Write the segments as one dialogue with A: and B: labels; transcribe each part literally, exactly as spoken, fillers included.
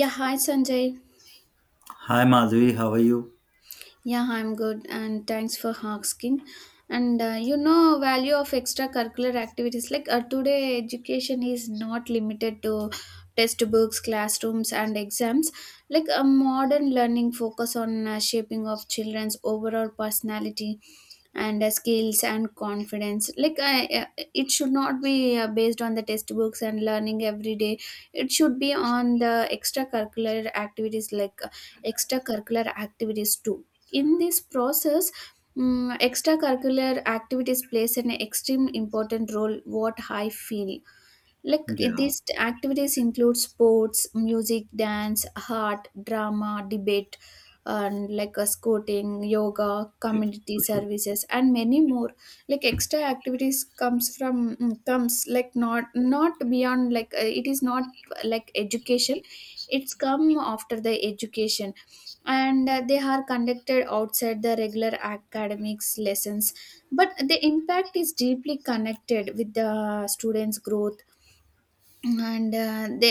A: Yeah, hi Sanjay.
B: Hi Madhvi, how are you?
A: Yeah, I'm good, and thanks for asking. And uh, you know, value of extracurricular activities like uh, today, education is not limited to textbooks, classrooms, and exams. Like a modern learning focus on uh, shaping of children's overall personality and uh, skills and confidence. Like I, uh, it should not be uh, based on the textbooks and learning every day. It should be on the extracurricular activities like uh, extracurricular activities too in this process. Mm, extracurricular activities plays an extreme important role what I feel. Like eh,
B: Yeah.
A: these t- activities include sports, music, dance, art, drama, debate, and like a scouting, yoga, community services, and many more. Like extra activities comes from mm, comes like not not beyond like uh, it is not like education. It's come after the education, and uh, they are conducted outside the regular academics lessons. But the impact is deeply connected with the students' growth and uh, they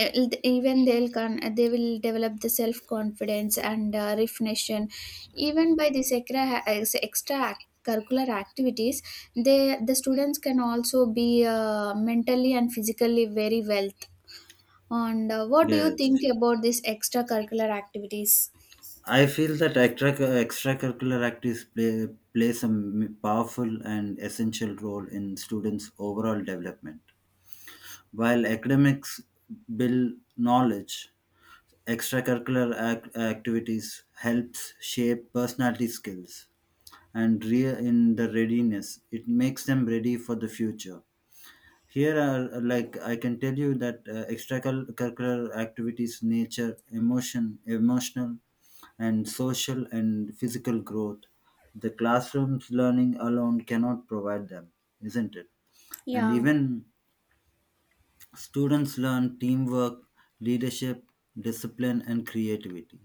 A: even they'll con- they will develop the self confidence and uh, reflection even by this extra, uh, extra curricular activities. They the students can also be uh, mentally and physically very well. And uh, What do you
B: Yes.
A: think about these extracurricular activities?
B: I feel that extra extracurricular activities play plays a m- powerful and essential role in students' overall development. While academics build knowledge, extracurricular ac- activities helps shape personality skills and re- in the readiness. It makes them ready for the future. Here are like I can tell you that uh, extracurricular activities, nature, emotion, emotional, and social and physical growth. The classroom's learning alone cannot provide them, isn't it? And
A: Yeah.
B: even students learn teamwork, leadership, discipline, and creativity.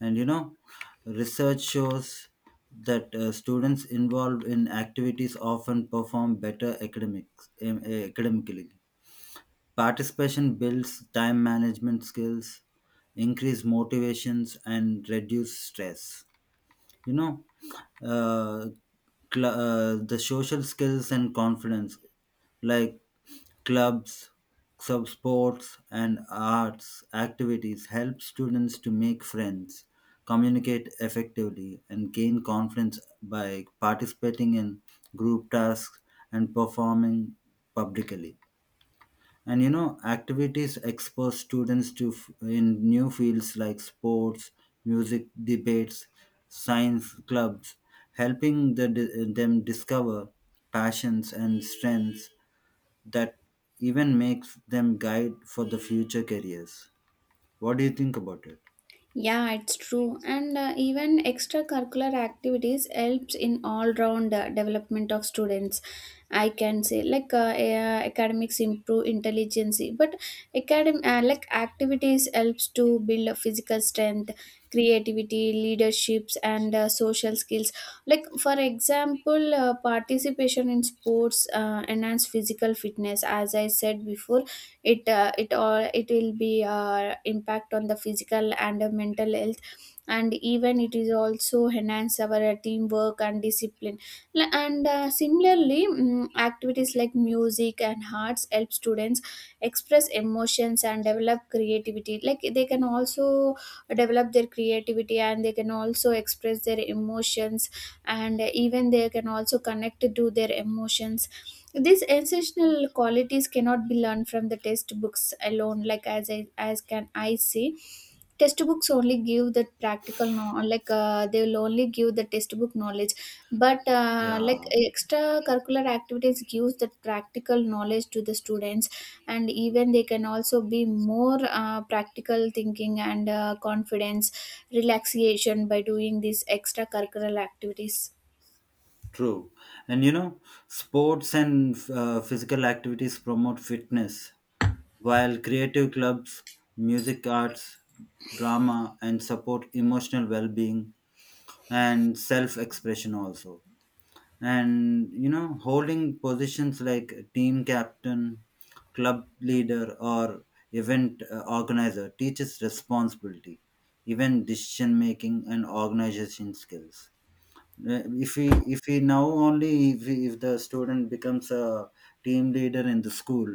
B: And you know, research shows that uh, students involved in activities often perform better academics, em- academically. Participation builds time management skills, increase motivations, and reduce stress. You know, uh, cl- uh, the social skills and confidence, like clubs, sub sports, and arts activities, help students to make friends, communicate effectively, and gain confidence by participating in group tasks and performing publicly. And you know, activities expose students to f- in new fields like sports, music, debates, science clubs, helping the, them discover passions and strengths that even makes them guide for the future careers. What do you think about it?
A: Yeah, it's true. And uh, even extracurricular activities helps in all-round uh, development of students. I can say like uh, uh, academics improve intelligence, but academ uh, like activities helps to build a physical strength, creativity, leaderships, and uh, social skills. Like for example, uh, participation in sports uh, enhance physical fitness. As I said before, it uh, it all it will be uh, impact on the physical and uh, mental health, and even it is also enhance our uh, teamwork and discipline. L- and uh, Similarly, mm, activities like music and arts help students express emotions and develop creativity. Like they can also develop their creativity and they can also express their emotions, and even they can also connect to their emotions. These essential qualities cannot be learned from the textbooks alone. Like as I, as can I say, textbooks only give the practical know. Like uh, they will only give the textbook knowledge, but uh, like
B: Yeah,
A: extracurricular activities gives that practical knowledge to the students. And even they can also be more uh, practical thinking and uh, confidence, relaxation by doing these extracurricular activities.
B: true. And you know, sports and uh, physical activities promote fitness while creative clubs, music, arts, drama, and support emotional well being and self expression also. And you know, holding positions like team captain, club leader, or event uh, organizer teaches responsibility, even decision making and organization skills. Uh, if we if we now only if, we- If the student becomes a team leader in the school,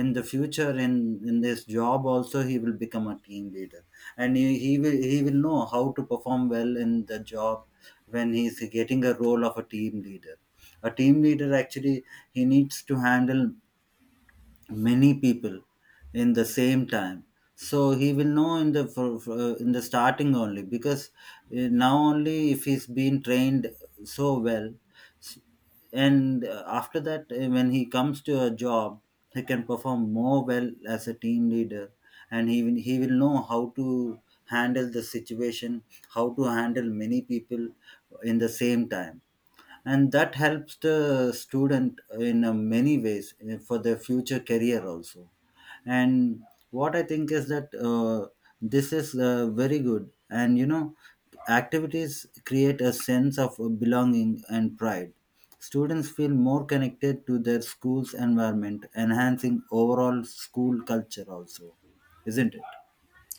B: in the future, in in this job also he will become a team leader, and he, he will he will know how to perform well in the job when he's getting a role of a team leader. A team leader actually, he needs to handle many people in the same time. So he will know in the for, for, uh, in the starting only because uh, now only if he's been trained so well. S- and uh, after that uh, when he comes to a job he can perform more well as a team leader, and he will, he will know how to handle the situation, how to handle many people in the same time. And that helps the student in uh, many ways uh, for their future career also. And what I think is that uh, this is uh, very good. And you know, activities create a sense of belonging and pride. Students feel more connected to their school's environment, enhancing overall school culture also, isn't it?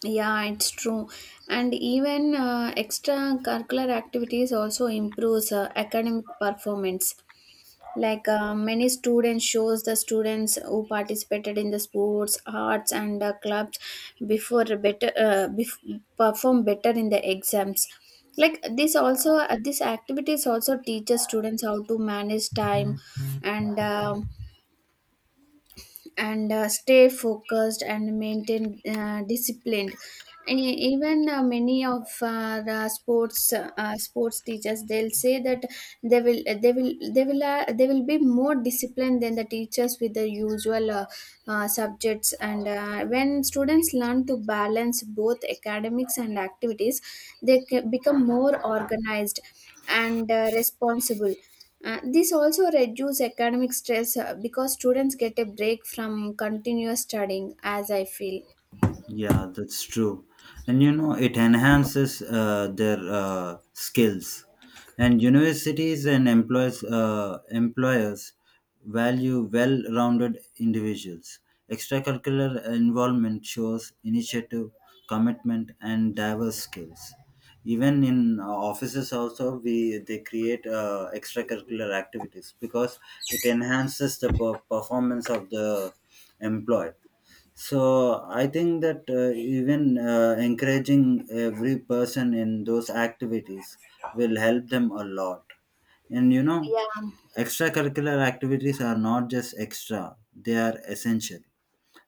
A: Yeah, it's true. And even uh, extracurricular activities also improves uh, academic performance. Like uh, many students shows the students who participated in the sports, arts, and uh, clubs before better uh, bef- perform better in the exams. Like this also, uh, these activities also teaches students how to manage time and. um and uh, stay focused and maintain uh, disciplined. E- even uh, Many of our uh, sports uh, sports teachers, they'll say that they will they will they will uh, they will be more disciplined than the teachers with the usual uh, uh, subjects. And uh, when students learn to balance both academics and activities, they ca- become more organized and uh, responsible. Uh, this also reduces academic stress uh, because students get a break from continuous studying, as I feel.
B: Yeah, that's true. And you know, it enhances uh, their uh, skills. And universities and employers, uh, employers value well rounded individuals. Extracurricular involvement shows initiative, commitment, and diverse skills. Even in uh, offices, also we they create uh, extracurricular activities because it enhances the per- performance of the employee. So I think that uh, even uh, encouraging every person in those activities will help them a lot. And you know,
A: Yeah,
B: extracurricular activities are not just extra, they are essential.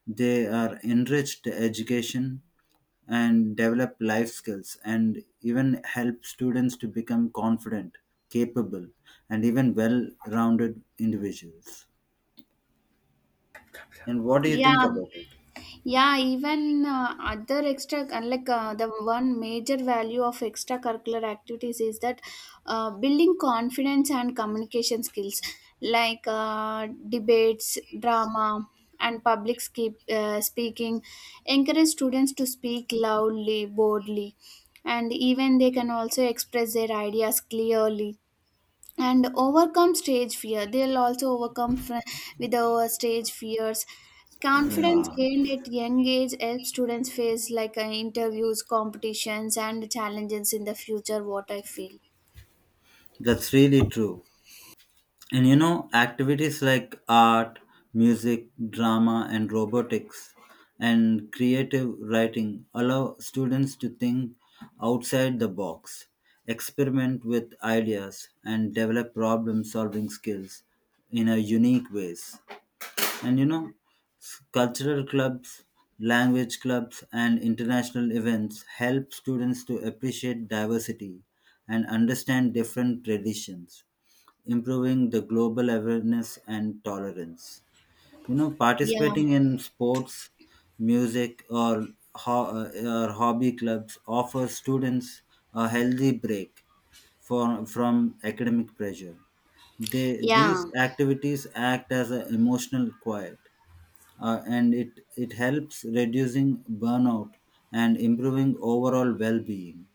B: They are enriched education and develop life skills and even help students to become confident, capable, and even well rounded individuals. And what do you think
A: yeah.
B: about it?
A: Yeah, even uh, other extra, unlike uh, the one major value of extracurricular activities is that uh, building confidence and communication skills, like uh, debates, drama, and public ski- uh, speaking, encourage students to speak loudly, boldly, and even they can also express their ideas clearly and overcome stage fear. They'll also overcome fr- With our stage fears, confidence
B: Yeah,
A: gained at young age helps students face like uh, interviews, competitions, and challenges in the future, what I feel.
B: that's really true. And you know, activities like art, music, drama, and robotics and creative writing allow students to think outside the box, experiment with ideas, and develop problem solving skills in a unique ways. And you know, s- cultural clubs, language clubs, and international events help students to appreciate diversity and understand different traditions, improving the global awareness and tolerance. You know,
A: Yeah,
B: participating in sports, music, or, ho- uh, or hobby clubs offers students a healthy break for, from academic pressure. They, these
A: yeah.
B: activities act as an emotional quiet, uh, and it, it helps reducing burnout and improving overall well-being.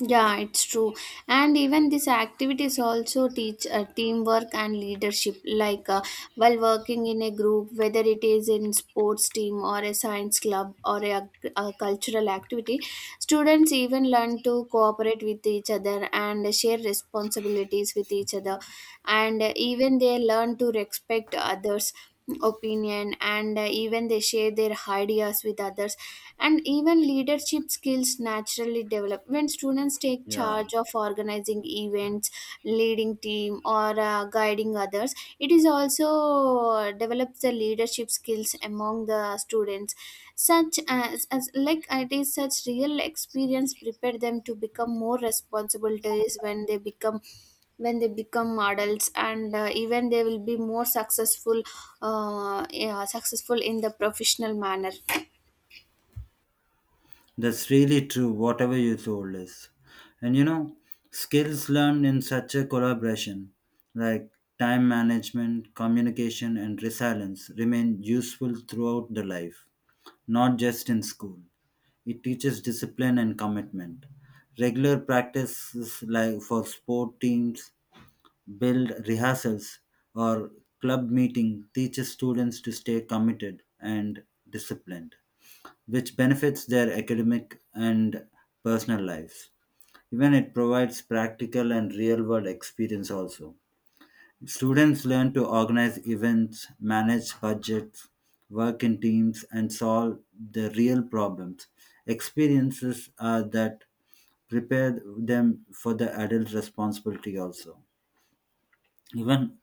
A: Yeah, it's true. And even these activities also teach uh, teamwork and leadership. Like uh, while working in a group, whether it is in sports team or a science club or a, a cultural activity, students even learn to cooperate with each other and share responsibilities with each other. And even they learn to respect others opinion, and uh, even they share their ideas with others. And even leadership skills naturally develop when students take
B: Yeah.
A: charge of organizing events, leading team, or uh, guiding others. It is also uh, develops the leadership skills among the students. Such as, as like it is such real experience, prepare them to become more responsibilities when they become when they become adults. And uh, even they will be more successful, uh, yeah, successful in the professional manner.
B: That's really true, whatever you told us. And you know, skills learned in such a collaboration, like time management, communication, and resilience, remain useful throughout the life, not just in school. It teaches discipline and commitment. Regular practices like for sport teams, build rehearsals, or club meeting teaches students to stay committed and disciplined, which benefits their academic and personal lives. Even it provides practical and real world experience also. Students learn to organize events, manage budgets, work in teams, and solve the real problems. Experiences are that prepare them for the adult responsibility also, even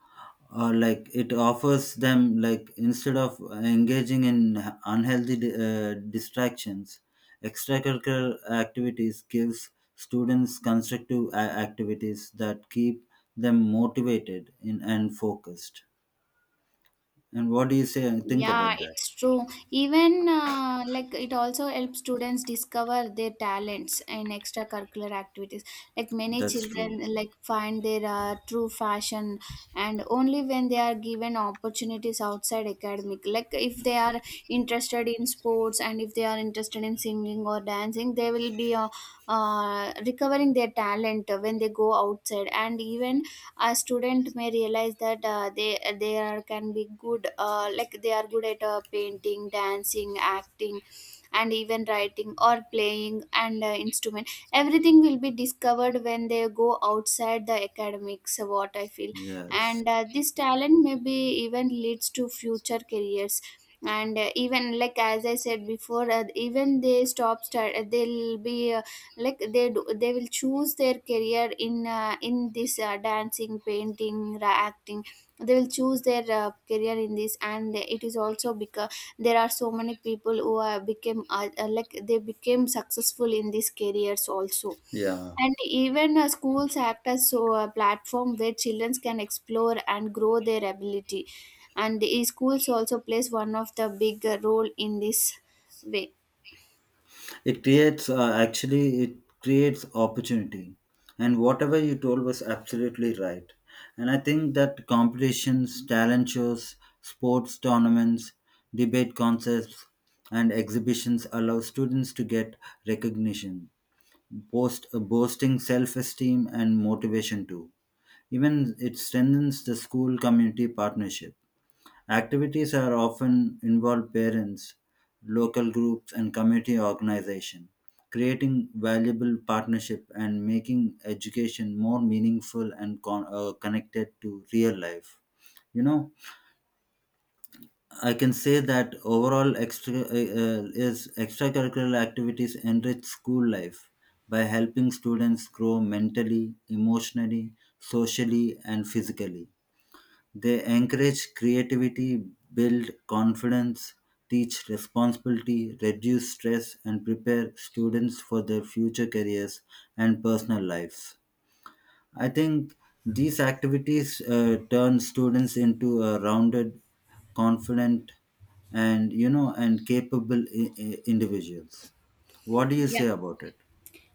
B: or like it offers them, like instead of engaging in unhealthy uh, distractions, extracurricular activities gives students constructive a- activities that keep them motivated in, and focused. And what do you say think
A: Yeah,
B: about that?
A: it's true. Even uh, like it also helps students discover their talents in extracurricular activities. Like many
B: That's true.
A: children like find their uh, true fashion, and only when they are given opportunities outside academic. Like if they are interested in sports and if they are interested in singing or dancing, they will be uh, uh, recovering their talent when they go outside. And even a student may realize that uh, they they are can be good uh, like they are good at uh, painting, dancing, acting, and even writing or playing and uh, instrument. Everything will be discovered when they go outside the academics, what I feel.
B: Yes.
A: And uh, this talent maybe even leads to future careers. And uh, even like as I said before, uh, even they stop start they'll be like they do, they will choose their career in uh, in this uh, dancing, painting, ra- acting. They will choose their uh, career in this, and it is also because there are so many people who uh, became uh, uh, like they became successful in these careers also.
B: Yeah.
A: And even uh, schools act as so a platform where children can explore and grow their ability, and the schools also plays one of the big uh, role in this way.
B: It creates, uh, actually, it creates opportunity. And whatever you told was absolutely right. And I think that competitions, talent shows, sports tournaments, debate concepts, and exhibitions allow students to get recognition, boast, uh, boosting self esteem and motivation too. Even it strengthens the school community partnership. Activities are often involve parents, local groups, and community organization, creating valuable partnership and making education more meaningful and con- uh, connected to real life. You know, I can say that overall extra uh, uh, is extracurricular activities enrich school life by helping students grow mentally, emotionally, socially, and physically. They encourage creativity, build confidence, teach responsibility, reduce stress, and prepare students for their future careers and personal lives. I think these activities uh, turn students into a rounded, confident, and you know, and capable I- i- individuals. What do you
A: Yeah.
B: say about it?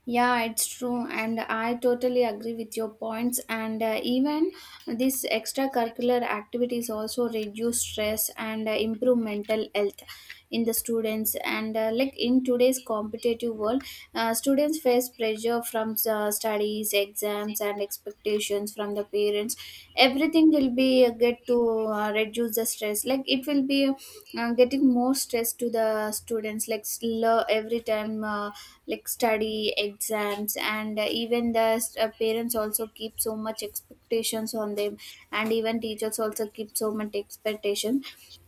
A: Yeah, it's true, and I totally agree with your points. And uh, even this extracurricular activities also reduce stress and uh, improve mental health in the students. And uh, like in today's competitive world, uh, students face pressure from uh, studies, exams, and expectations from the parents. Everything will be uh, get to uh, reduce the stress. Like it will be uh, getting more stress to the students. Like slow every time. Uh, uh, like study, exams, and uh, even the uh, parents also keep so much expectations on them, and even teachers also keep so much expectation.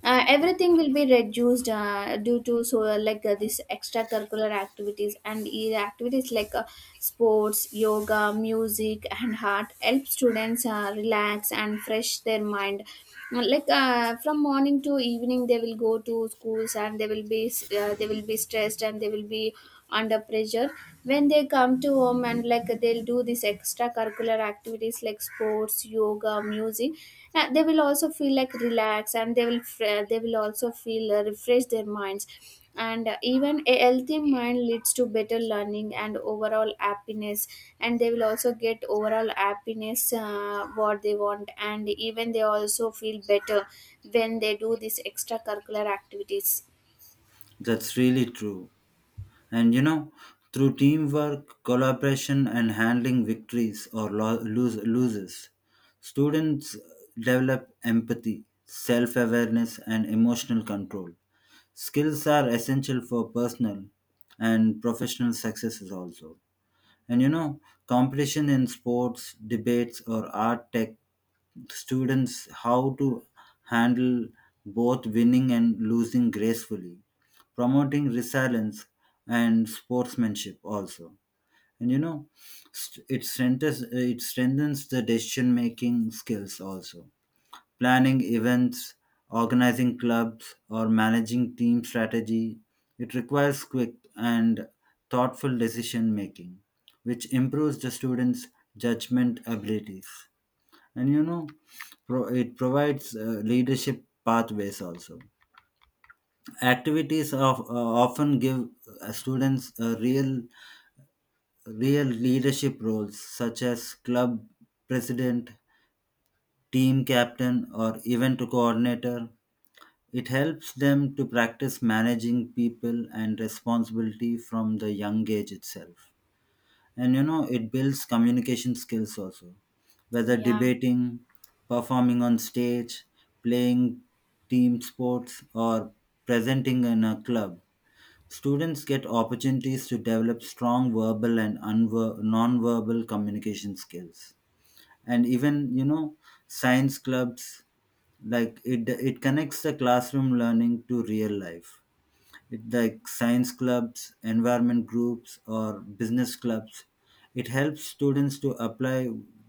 A: uh, Everything will be reduced uh, due to so uh, like uh, this extracurricular activities. And e- activities like uh, sports, yoga, music, and art help students uh, relax and fresh their mind. Uh, like uh, from morning to evening they will go to schools, and they will be uh, they will be stressed, and they will be under pressure. When they come to home and like they'll do these extracurricular activities like sports, yoga, music, uh, they will also feel like relaxed, and they will fr- they will also feel uh, refresh their minds. And uh, even a healthy mind leads to better learning and overall happiness, and they will also get overall happiness uh, what they want, and even they also feel better when they do these extracurricular activities.
B: That's really true. And you know, through teamwork, collaboration, and handling victories or lo- lose- loses, students develop empathy, self awareness, and emotional control. Skills are essential for personal and professional successes also. And you know, competition in sports, debates, or art tech students how to handle both winning and losing gracefully, promoting resilience and sportsmanship also. And you know, st- it strengthens it strengthens the decision making skills also. Planning events, organizing clubs, or managing team strategy. It requires quick and thoughtful decision making, which improves the students' judgment abilities. And you know, pro- it provides uh, leadership pathways also. Activities of, uh, often give uh, students uh, real real leadership roles such as club president, team captain, or event coordinator. It helps them to practice managing people and responsibility from the young age itself. And you know, it builds communication skills also, whether
A: Yeah,
B: debating, performing on stage, playing team sports, or presenting in a club. Students get opportunities to develop strong verbal and unver- non-verbal communication skills. And even, you know, science clubs, like it, it connects the classroom learning to real life, it- like science clubs, environment groups, or business clubs. It helps students to apply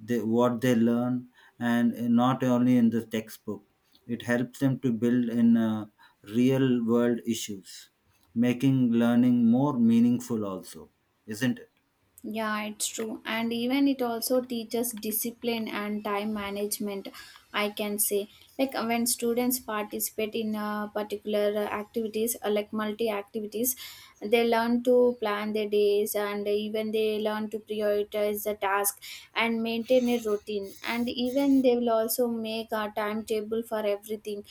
B: the, what they learn and uh, not only in the textbook. It helps them to build in uh, real world issues, making learning more meaningful, also, isn't it?
A: yeah, it's true. And even it also teaches discipline and time management, I can say. Like uh, when students participate in uh, particular uh, activities, uh, like multi activities, they learn to plan their days, and even they learn to prioritize the task and maintain a routine. And even they will also make a timetable for everything.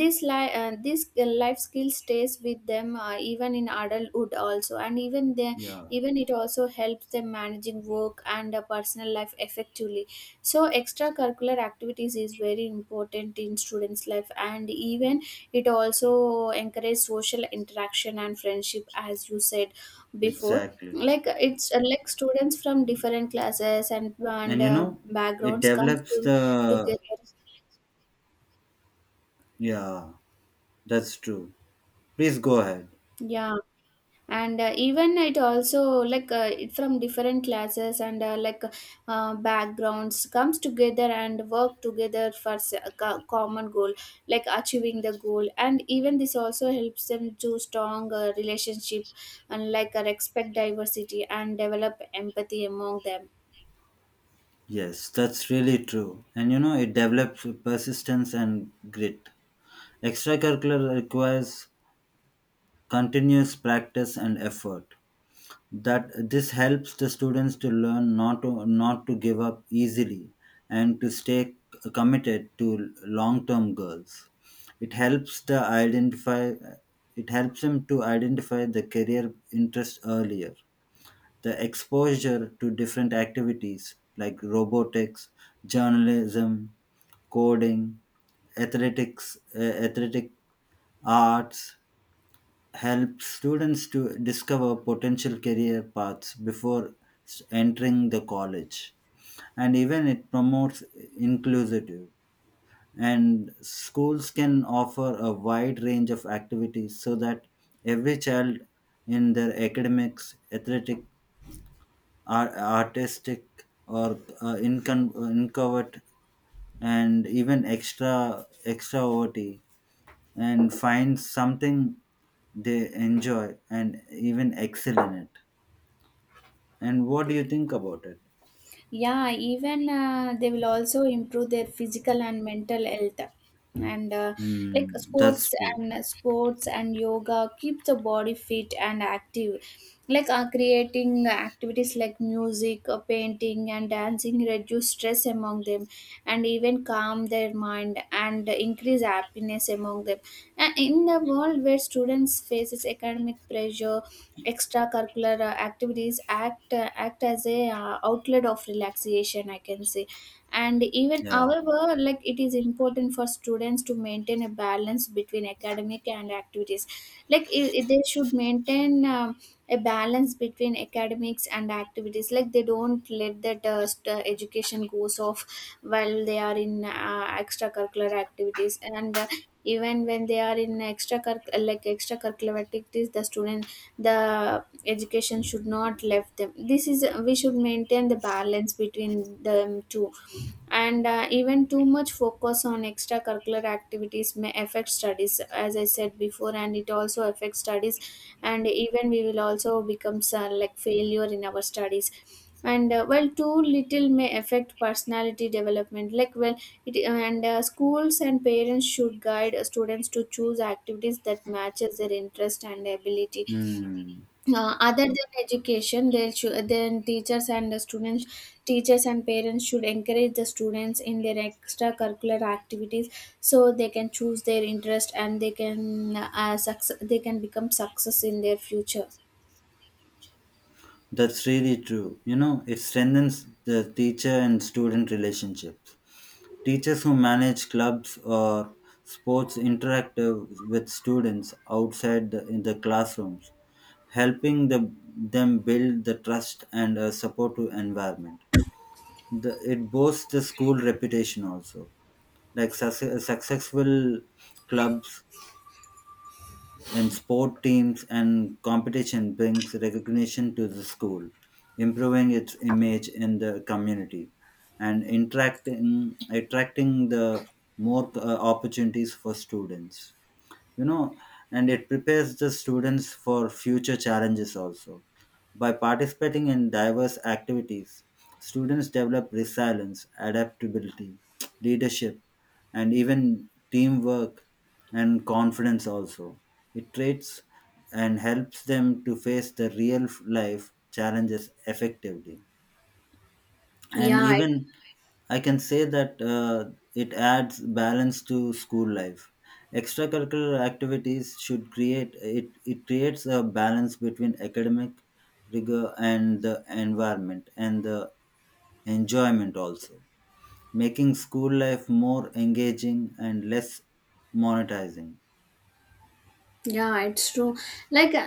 A: this li- uh, This uh, life skill stays with them uh, even in adulthood also, and even they,
B: Yeah,
A: even it also helps them managing work and a personal life effectively. So extracurricular activities is very important in students life, and even it also encourage social interaction and friendship, as you said before.
B: exactly.
A: Like it's uh, like students from different classes and and
B: And you
A: uh,
B: know, it
A: backgrounds comes to
B: develops the.
A: together.
B: Yeah, that's true. Please go ahead.
A: Yeah, and uh, even it also like uh, it from different classes and uh, like uh, backgrounds comes together and work together for s- a co- common goal, like achieving the goal. And even this also helps them to strong uh, relationship, and like uh, respect diversity and develop empathy among them.
B: Yes, that's really true. And you know, it develops persistence and grit. Extracurricular requires continuous practice and effort. That this helps the students to learn not to not to give up easily and to stay c- committed to long-term goals. It helps the identify it helps them to identify the career interest earlier. The exposure to different activities like robotics, journalism, coding, athletics, uh, athletic arts help students to discover potential career paths before s- entering the college. And even it promotes inclusive, and schools can offer a wide range of activities so that every child in their academics, athletic, ar- artistic, or uh, incon- incovert and even extra extrovert and find something they enjoy and even excel in it. And what do you think about it?
A: Yeah, even uh, they will also improve their physical and mental health. And uh, like
B: Hmm, that's
A: sports
B: true.
A: and uh, sports and yoga keep the body fit and active. Like uh, creating activities like music, uh, painting, and dancing reduce stress among them, and even calm their mind and increase happiness among them. And in a world where students faces academic pressure, extracurricular uh, activities act uh, act as a uh, outlet of relaxation, I can say. And even
B: Yeah.
A: however like it is important for students to maintain a balance between academic and activities. Like i i- they should maintain um, a balance between academics and activities, like they don't let that uh, st- uh, education goes off while they are in uh, extracurricular activities. And uh, even when they are in extracurricular like extracurricular activities, the students, the education should not left them. This is we should maintain the balance between them two. And uh, even too much focus on extracurricular activities may affect studies, as I said before, and it also affects studies, and even we will also become uh, like failure in our studies. And uh, well, too little may affect personality development, like, well it, and uh, schools and parents should guide students to choose activities that matches their interest and ability.
B: Hmm.
A: Uh, other than education, they should, then teachers and the students, teachers and parents should encourage the students in their extracurricular activities, so they can choose their interest and they can uh, success, they can become success in their future.
B: That's really true. You know, it strengthens the teacher and student relationship. Teachers who manage clubs or sports interact uh, with students outside the, in the classrooms, helping the, them build the trust and a supportive environment. The, it boosts the school reputation also. Like success, successful clubs in sport teams and competition brings recognition to the school, improving its image in the community and interacting, attracting the more uh, opportunities for students, you know. And it prepares the students for future challenges also. By participating in diverse activities, students develop resilience, adaptability, leadership, and even teamwork and confidence also. It traits and helps them to face the real life challenges effectively. And
A: Yeah.
B: even I can say that uh, it adds balance to school life. Extracurricular activities should create it. It creates a balance between academic rigor and the environment and the enjoyment also, making school life more engaging and less monetizing.
A: Yeah, it's true. Like uh,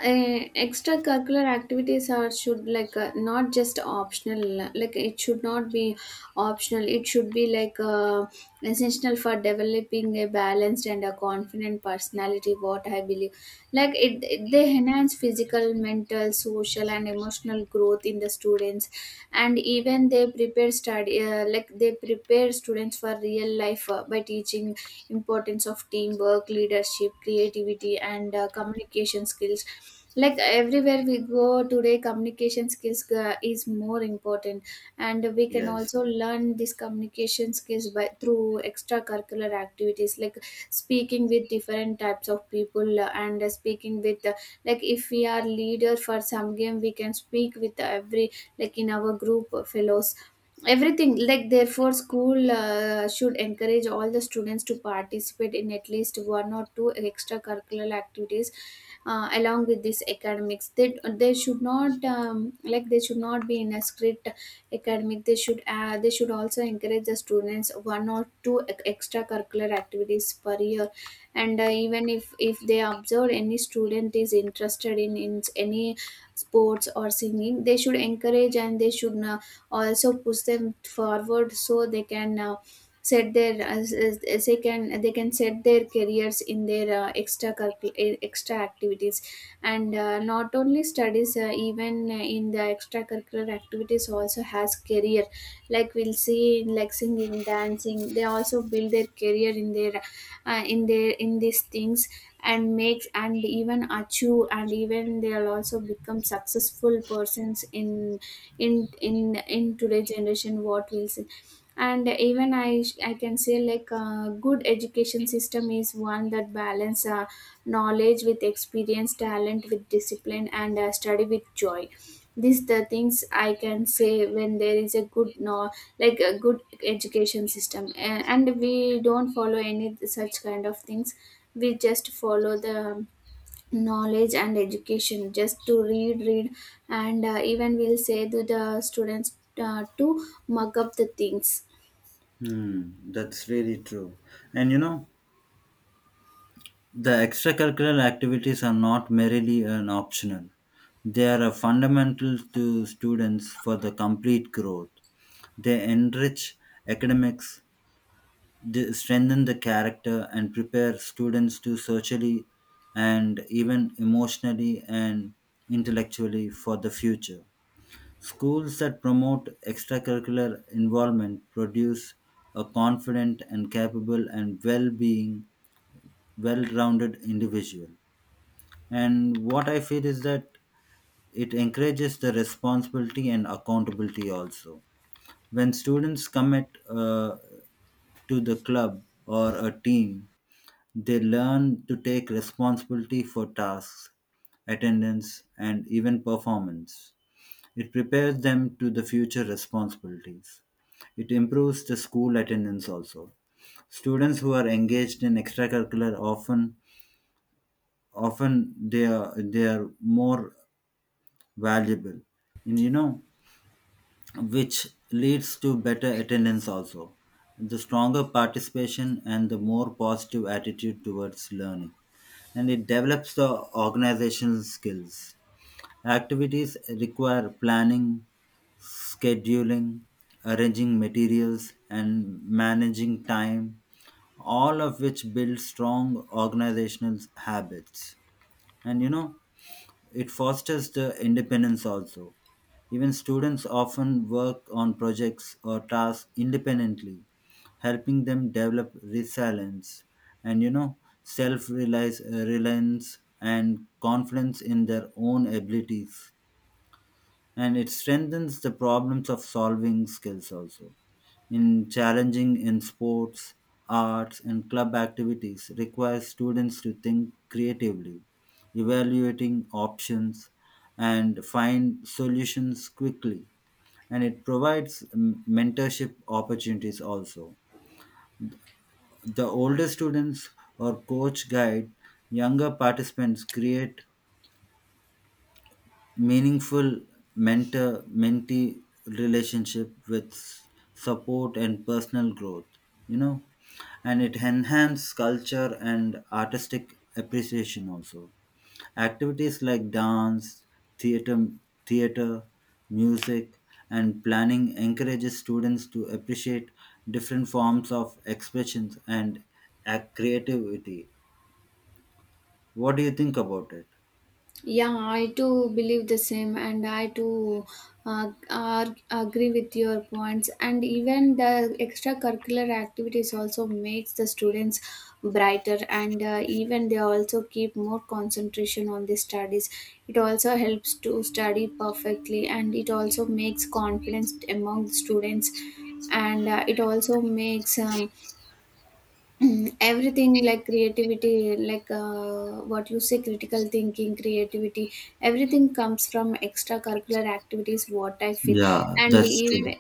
A: extracurricular activities are should, like uh, not just optional. Like, it should not be optional. It should be like uh, essential for developing a balanced and a confident personality, what I believe. Like it, it- they enhance physical, mental, social and emotional growth in the students, and even they prepare study, uh, like they prepare students for real life uh, by teaching importance of teamwork, leadership, creativity and uh, communication skills. Like everywhere we go today, communication skills uh, is more important, and we can
B: Yes.
A: also learn this communication skills by through extracurricular activities, like speaking with different types of people, uh, and uh, speaking with, uh, like if we are leader for some game, we can speak with every, like in our group, uh, fellows, everything. Like, therefore school uh, should encourage all the students to participate in at least one or two extracurricular activities uh, along with this academics. they, they should not um, like they should not be in a strict academic. They should uh, they should also encourage the students one or two ec- extracurricular activities per year. And uh, even if if they observe any student is interested in in any sports or singing, they should encourage, and they should uh, also push them forward, so they can uh, set their as, as as they can, they can set their careers in their uh, extra curricul- eh, extra activities. And uh, not only studies, uh, even uh, in the extracurricular activities also has career, like we'll see in, like, singing, dancing, they also build their career in their, uh, in their in these things, and makes, and even achieve, and even they'll also become successful persons in in in in today's generation, what we'll see. And even i i can say, like, a good education system is one that balance uh, knowledge with experience, talent with discipline, and uh, study with joy. These the things I can say, when there is a good, no, like a good education system, and, and we don't follow any such kind of things, we just follow the knowledge and education just to read, read. And uh, even we'll say to the students uh, to mug up the things.
B: Hmm, that's really true. And you know, the extracurricular activities are not merely an optional. They are a fundamental to students for the complete growth. They enrich academics, they strengthen the character, and prepare students to socially and even emotionally and intellectually for the future. Schools that promote extracurricular involvement produce a confident and capable and well being, well rounded individual. And what I feel is that it encourages the responsibility and accountability also. When students commit uh, to the club or a team, they learn to take responsibility for tasks, attendance, and even performance. It prepares them to the future responsibilities. It improves the school attendance also. Students who are engaged in extracurricular often, often they are they are more valuable, and you know, which leads to better attendance also, the stronger participation and the more positive attitude towards learning. And it develops the organizational skills. Activities require planning, scheduling, arranging materials, and managing time, all of which build strong organizational habits. And you know, it fosters the independence also. Even students often work on projects or tasks independently, helping them develop resilience and, you know, self-reliance uh, reliance and confidence in their own abilities. And it strengthens the problems of solving skills also. In challenging in sports, arts, and club activities requires students to think creatively, evaluating options, and find solutions quickly. And it provides mm, mentorship opportunities also. The older students or coach guide younger participants create meaningful mentor mentee relationship with s- support and personal growth, you know. And it enhances culture and artistic appreciation also. Activities like dance, theater, theater, music, and planning encourages students to appreciate different forms of expressions and act creativity. What do you think about it?
A: Yeah, I too believe the same, and I too uh, ar- agree with your points. And even the extracurricular activities also makes the students brighter, and uh, even they also keep more concentration on the studies. It also helps to study perfectly, and it also makes confidence among the students, and uh, it also makes um, everything, like creativity, like uh, what you say, critical thinking, creativity, everything comes from extracurricular activities, what I feel.
B: Yeah,
A: And
B: that's
A: even,
B: true.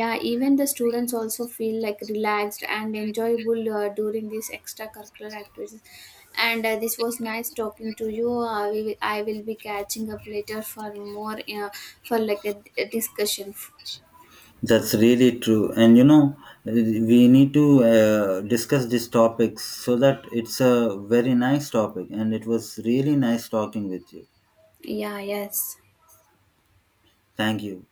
A: yeah, even the students also feel like relaxed and enjoyable uh, during these extracurricular activities. And uh, this was nice talking to you. Uh, we will, i will be catching up later for more, uh, for like a, a discussion.
B: That's really true. And you know, we need to uh, discuss these topics so that it's a very nice topic. And it was really nice talking with you.
A: Yeah. Yes.
B: Thank you.